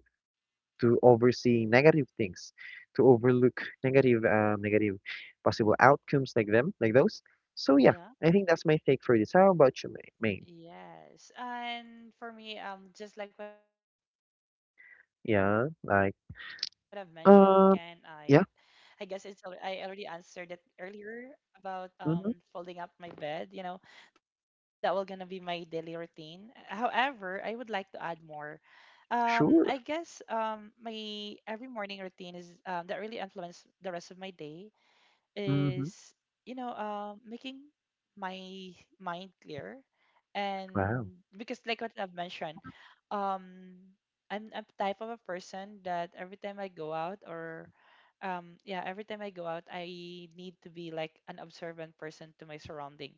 to oversee negative things, to overlook negative um, negative possible outcomes, like them, like those. So yeah,
Yeah.
I think that's my take for this. How about you, Ma- Maine?
Yes. And for me, um, just like what I've mentioned, Ken, I
Yeah,
I guess
like,
it's al- I already answered it
uh, yeah.
earlier about um folding up my bed, you know,
Mm-hmm,
that will gonna be my daily routine. However, I would like to add more. Um I guess um
sure.
my every morning routine is um that really influence the rest of my day is,
Mm-hmm,
you know, um making my mind clear. And
wow.
because like what I've mentioned, um I'm a type of a person that every time I go out, or um yeah, every time I go out I need to be like an observant person to my surrounding.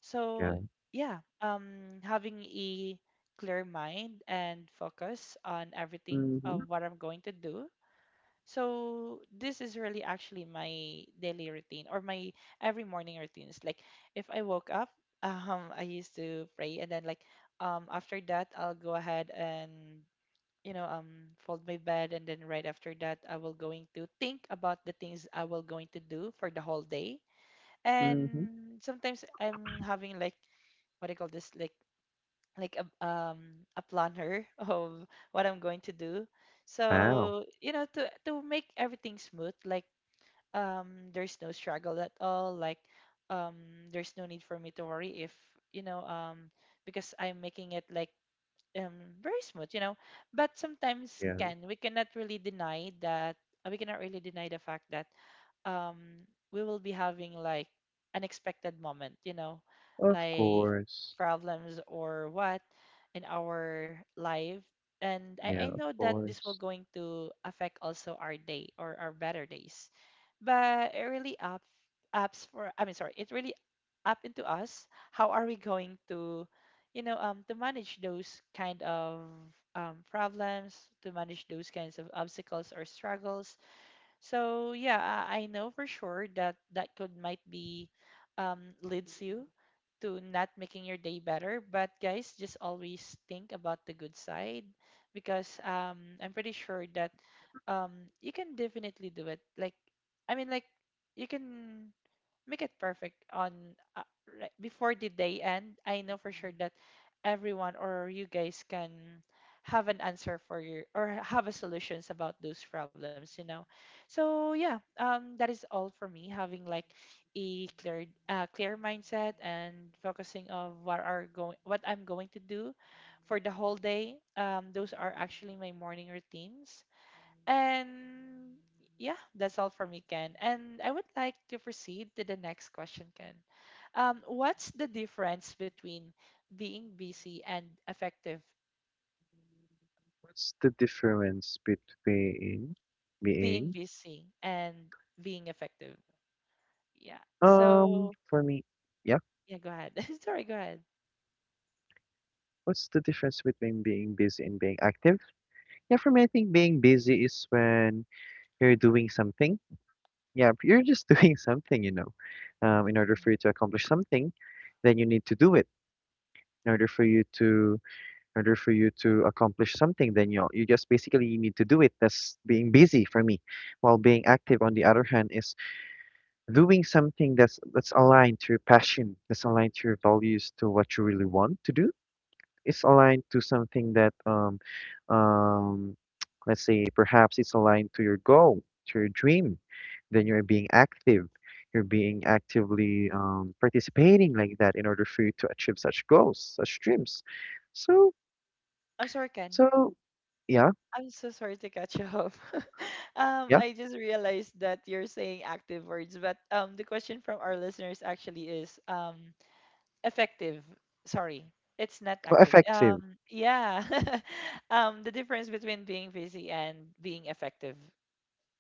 So
Yeah,
yeah, um having a clear mind and focus on everything
mm-hmm.
of what I'm going to do. So this is really actually my daily routine or my every morning routine. It's like if I woke up, um, I used to pray, and then like um after that I'll go ahead and, you know, um fold my bed, and then right after that I will going to think about the things I will going to do for the whole day.
Mm-hmm,
And sometimes I'm having like what I call this, like like a um a planner of what I'm going to do.
wow.
So, you know, to to make everything smooth, like um there's no struggle at all, like um there's no need for me to worry if, you know, um because I'm making it like um, very smooth, you know. But sometimes
Yeah,
can we cannot really deny that, uh, we cannot really deny the fact that um we will be having like unexpected moment, you know,
of
like
course.
problems or what in our life. And I,
Yeah,
I
of
know that this will
course.
going to affect also our day or our better days. But it really up apps for I mean, sorry, it really up into us how are we going to, you know, um, to manage those kind of um, problems, to manage those kinds of obstacles or struggles. So yeah, i, I know for sure that that could might be um, leads you to not making your day better. But guys, just always think about the good side, because um, I'm pretty sure that um, you can definitely do it. Like, I mean, like, you can make it perfect on, uh, right before the day end. I know for sure that everyone or you guys can have an answer for your, or have a solutions about those problems, you know. So yeah, um, that is all for me. Having like a clear uh, clear mindset and focusing on what are going, what I'm going to do for the whole day. Um, those are actually my morning routines. And yeah, that's all for me, Ken. And I would like to proceed to the next question, Ken. Um, what's the difference between being busy and effective?
What's the difference between
Being
being
busy and being effective. Yeah.
um
So
for me? Yeah,
yeah, go ahead. Sorry, go ahead.
what's the difference between being busy and being active? Yeah, for me, I think being busy is when you're doing something. Yeah, if you're just doing something, you know. Um, in order for
Mhm.
you to accomplish something, then you need to do it. In order for you to, in order for you to accomplish something, then you you just basically need to do it. That's being busy for me. While being active, on the other hand, is doing something that's that's aligned to your passion, that's aligned to your values, to what you really want to do, it's aligned to something that um um let's say perhaps it's aligned to your goal, to your dream. Then you're being active. You're being actively um, participating like that in order for you to achieve such goals, such dreams. So
I'm sorry, Ken.
so yeah,
I'm so sorry to cut you off. um,
yeah.
I just realized that you're saying active words, but um, the question from our listeners actually is um effective. Sorry, it's not
Oh,
active.
effective.
um yeah. um the difference between being busy and being effective.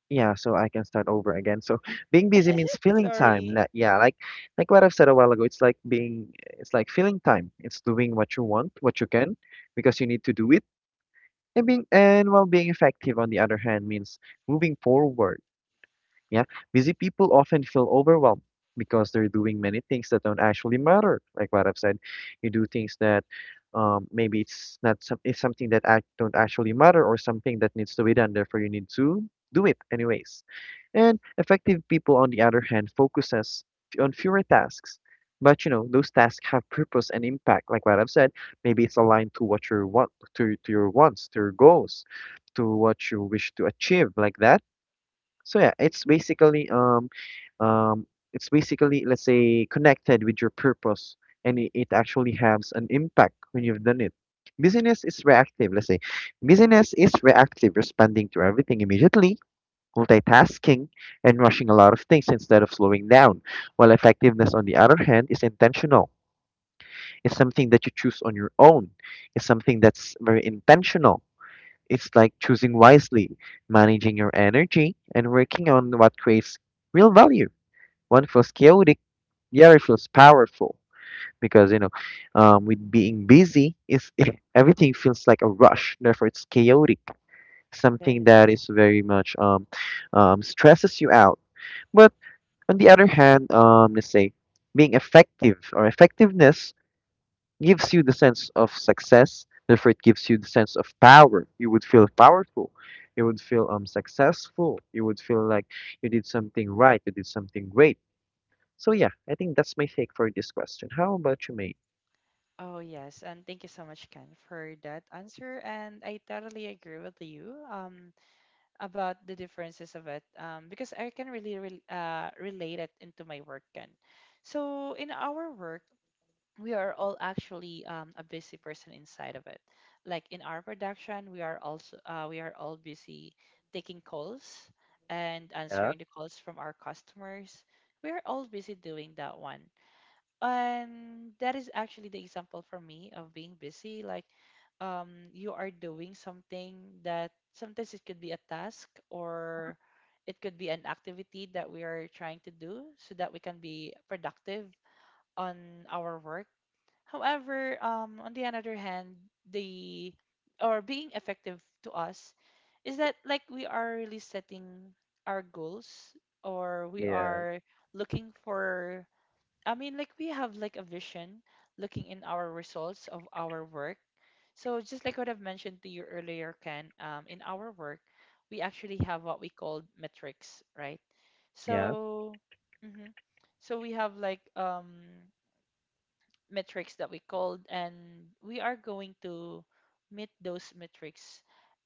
Yeah, so I can start over again. So being busy means filling time.
Sorry.
Like, yeah, like like what I've said a while ago, it's like being it's like filling time. It's doing what you want, what you can, because you need to do it. And being and while being effective, on the other hand, means moving forward. Yeah, busy people often feel overwhelmed because they're doing many things that don't actually matter. Like what I've said, you do things that um, maybe it's not some, it's something that act, don't actually matter, or something that needs to be done. Therefore, you need to do it anyways. And effective people, on the other hand, focuses f- on fewer tasks. But you know, those tasks have purpose and impact. Like what I've said, maybe it's aligned to what you want, to, to your wants, to your goals, to what you wish to achieve, like that. So yeah, it's basically um um it's basically let's say connected with your purpose, and it, it actually has an impact when you've done it. Business is reactive, let's say. Business is reactive, responding to everything immediately, multitasking and rushing a lot of things instead of slowing down. While effectiveness on the other hand is intentional. It's something that you choose on your own. It's something that's very intentional. It's like choosing wisely, managing your energy, and working on what creates real value. One feels chaotic, the other feels powerful. Because, you know, um, with being busy, is everything feels like a rush, therefore, it's chaotic, something
Yes.
that is very much um, um, stresses you out. But on the other hand, um, let's say being effective or effectiveness gives you the sense of success. Therefore, it gives you the sense of power. You would feel powerful. You would feel um successful. You would feel like you did something right. You did something great. So yeah, I think that's my take for this question. How about you, mate?
Oh yes. And thank you so much, Ken, for that answer. And I totally agree with you um, about the differences of it, um, because I can really rel uh, relate it into my work, Ken. So in our work, we are all actually um, a busy person inside of it. Like in our production, we are also uh, we are all busy taking calls and
Yeah,
answering the calls from our customers. We are all busy doing that one, and that is actually the example for me of being busy. Like um, you are doing something that sometimes it could be a task, or it could be an activity that we are trying to do so that we can be productive on our work. However, um, on the other hand, the, or being effective to us, is that like we are really setting our goals, or we
yeah,
are looking for, I mean like we have like a vision, looking in our results of our work. So just like what I've mentioned to you earlier, Ken, um, in our work, we actually have what we call metrics, right?
yeah,
So, mhm. So we have like um metrics that we called, and we are going to meet those metrics.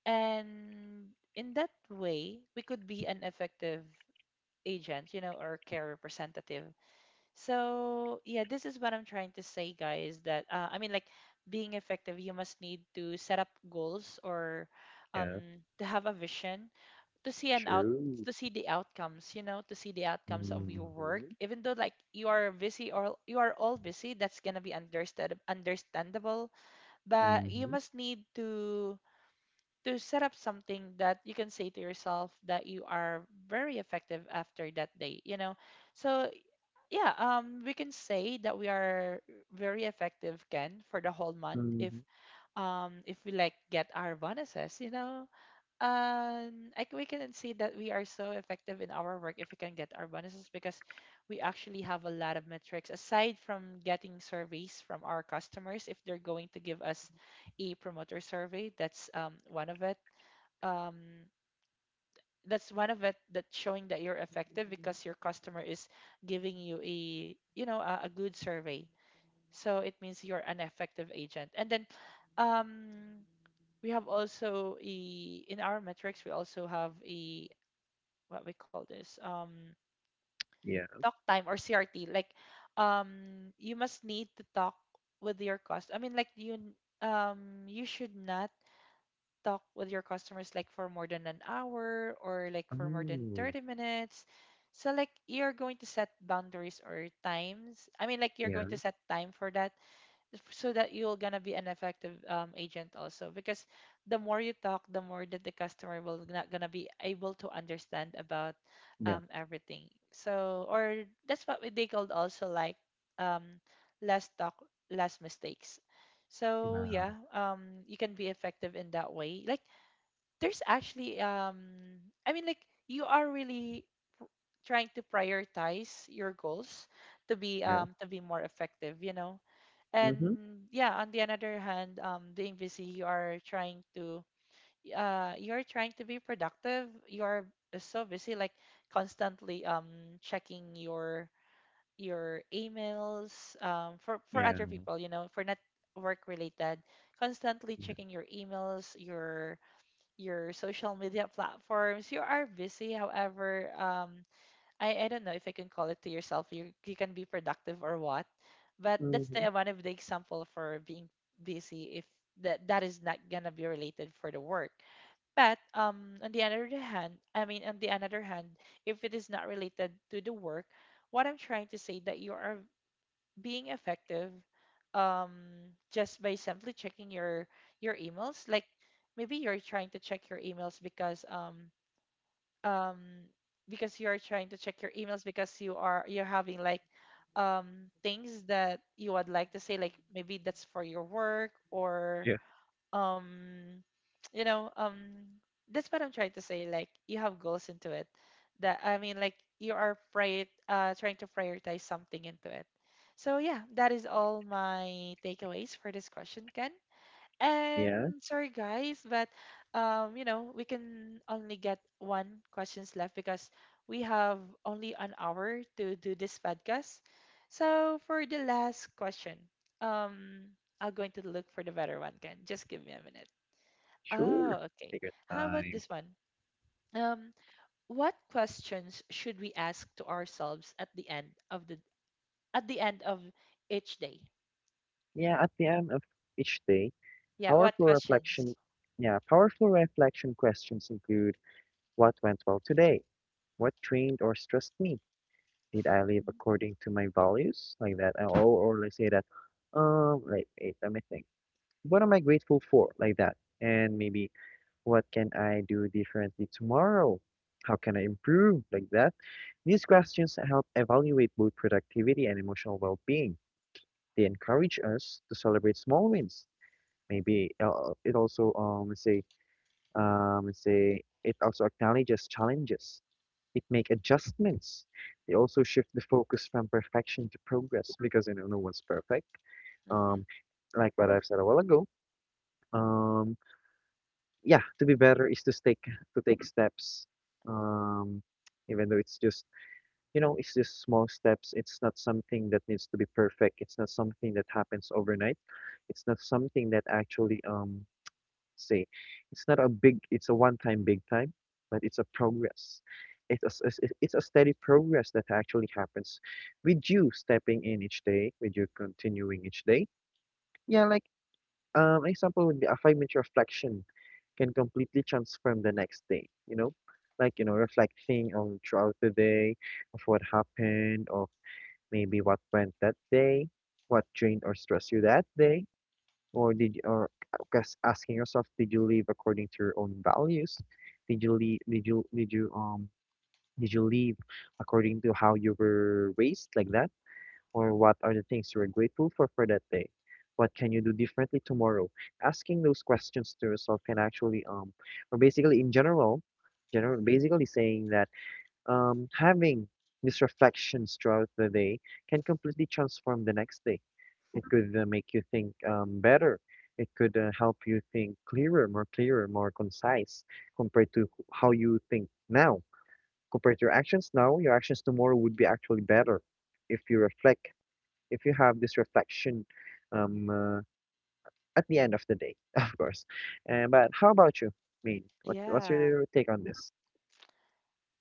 And in that way, we could be an effective agent, you know, or care representative. So yeah, this is what I'm trying to say, guys, that, uh, I mean, like, being effective, you must need to set up goals, or
yeah.
um, to have a vision, to see an out,
True.
to see the outcomes, you know, to see the outcomes of your work.
Mm-hmm.
Even though like you are busy, or you are all busy, that's gonna be understand understandable. But you
Mm-hmm.
must need to to set up something that you can say to yourself that you are very effective after that day, you know. So yeah, um we can say that we are very effective, Ken, for the whole month if,
Mm-hmm.
um if we like get our bonuses, you know, um I, c- we can see that we are so effective in our work if we can get our bonuses, because we actually have a lot of metrics aside from getting surveys from our customers. If they're going to give us a promoter survey, that's um, one of it, um, that's one of it that showing that you're effective, because your customer is giving you a, you know, a, a good survey. So it means you're an effective agent. And then um, we have also a, in our metrics we also have a, what we call this, um
Yeah.
talk time, or C R T. Like um you must need to talk with your cost I mean like you n- um you should not talk with your customers like for more than an hour, or like for more than
Oh.
thirty minutes. So like you're going to set boundaries or times, I mean like you're going to
Yeah.
set time for that, so that you're gonna be an effective um, agent also because the more you talk, the more that the customer will not gonna be able to understand about
Yeah.
um, everything. So or that's what we- they called also like um, less talk, less mistakes. So
Wow.
yeah, um, you can be effective in that way, like there's actually um, I mean like you are really trying to prioritize your goals to be
Yeah.
um to be more effective, you know. And
Mm-hmm.
yeah, on the other hand, um being busy, you are trying to uh you're trying to be productive, you're so busy, like constantly um checking your your emails, um for for
Yeah.
other people, you know, for not work related, constantly
Yeah.
checking your emails, your your social media platforms. You are busy, however um I, I don't know if I can call it to yourself. You you can be productive or what, but that's
Mm-hmm.
the one of the example for being busy. If that that is not gonna be related for the work, but um on the other hand, I mean on the another hand, if it is not related to the work, what I'm trying to say that you are being effective, um just by simply checking your your emails. Like maybe you're trying to check your emails because um um because you are trying to check your emails because you are you're having like um things that you would like to say, like maybe that's for your work or
Yeah.
um you know um that's what I'm trying to say, like you have goals into it, that I mean like you are prior uh trying to prioritize something into it. So yeah, that is all my takeaways for this question, Ken,
Yeah.
and sorry guys, but um, you know, we can only get one questions left because we have only an hour to do this podcast. So for the last question, um, I'm going to look for the better one, Ken. Just give me a minute. Oh,
Sure.
okay.
Take your
How about
time.
this one? Um, what questions should we ask to ourselves at the end of the at the end of each day?
Yeah, at the end of each day,
Yeah, what
powerful reflection,
questions?
yeah, powerful reflection questions include: what went well today? What trained or stressed me? Did I live according to my values? Like that. uh, Or, or let's say that, um, like, wait, let me think. What am I grateful for? Like that. And maybe, what can I do differently tomorrow? How can I improve? Like that. These questions help evaluate both productivity and emotional well-being. They encourage us to celebrate small wins. Maybe uh, it also um let's say um let's say it also acknowledges challenges. It make adjustments. They also shift the focus from perfection to progress, because you know no one's perfect.
Mm-hmm.
Um, like what I've said a while ago. Um, yeah, to be better is to take to take steps. Um, even though it's just, you know, it's just small steps. It's not something that needs to be perfect. It's not something that happens overnight. It's not something that actually um say. It's not a big, it's a one-time big time, but it's a progress. It's a, s- s- s- it's a steady progress that actually happens with you stepping in each day, with you continuing each day. Yeah, like um, an example would be a five-minute reflection can completely transform the next day, you know? Like, you know, reflecting on throughout the day of what happened, or maybe what went that day, what drained or stressed you that day, or did you, or guess asking yourself, did you live according to your own values? Did you live, did you, did you, um, did you live according to how you were raised, like that? Or what are the things you are grateful for for that day? What can you do differently tomorrow? Asking those questions to yourself can actually, um, or basically in general, general, basically saying that, um, having these reflections throughout the day can completely transform the next day. It could uh, make you think um, better. It could uh, help you think clearer, more clearer, more concise compared to wh- how you think now. Compared to your actions now, your actions tomorrow would be actually better if you reflect, if you have this reflection um, uh, at the end of the day, of course. Uh, but how about you, Maine? What, what's
Yeah.
your take on this?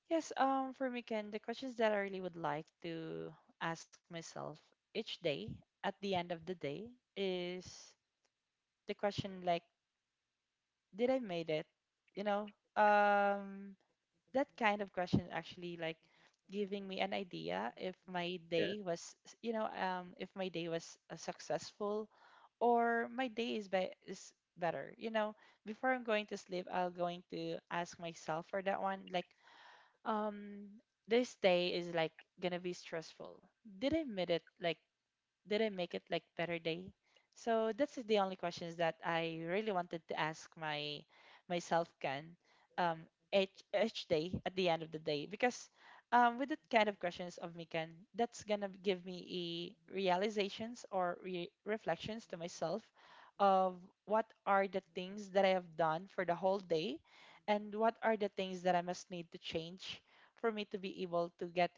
Yes, um, for me, Ken, the questions that I really would like to ask myself each day at the end of the day is the question like, did I made it? You know, um, that kind of question actually like giving me an idea if my
Yeah.
day was, you know, um, if my day was uh, successful, or my day is be is better. You know, before I'm going to sleep, I'll going to ask myself for that one like um this day is like gonna be stressful, did I admit it, like didn't make it like better day. So that's the only questions that I really wanted to ask my myself, Ken, um each each day at the end of the day, because um with that kind of questions of me, Ken, that's gonna give me a realizations or re- reflections to myself of what are the things that I have done for the whole day and what are the things that I must need to change for me to be able to get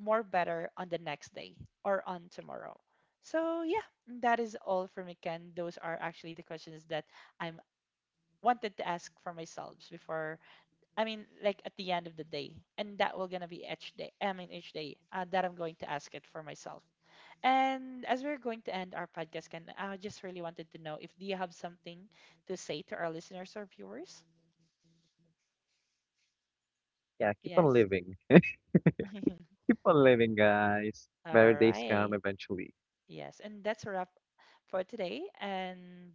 more better on the next day or on tomorrow. So yeah, that is all for me, Ken. Those are actually the questions that I'm wanted to ask for myself before, I mean like at the end of the day. And that will gonna be each day. I mean each day uh, that I'm going to ask it for myself. And as we're going to end our podcast, Ken, I just really wanted to know if do you have something to say to our listeners or viewers?
Yeah, keep on
Yes.
living. Keep on living, guys. Better
All
days come
right.
eventually.
Yes, and that's a wrap for today. And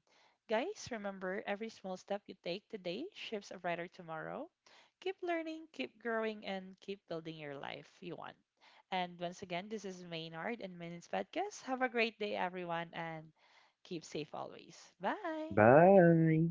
guys, remember every small step you take today shifts a brighter tomorrow. Keep learning, keep growing, and keep building your life you want. And once again, this is Maynard and Maynard's Podcast. Have a great day, everyone, and keep safe always. Bye.
Bye.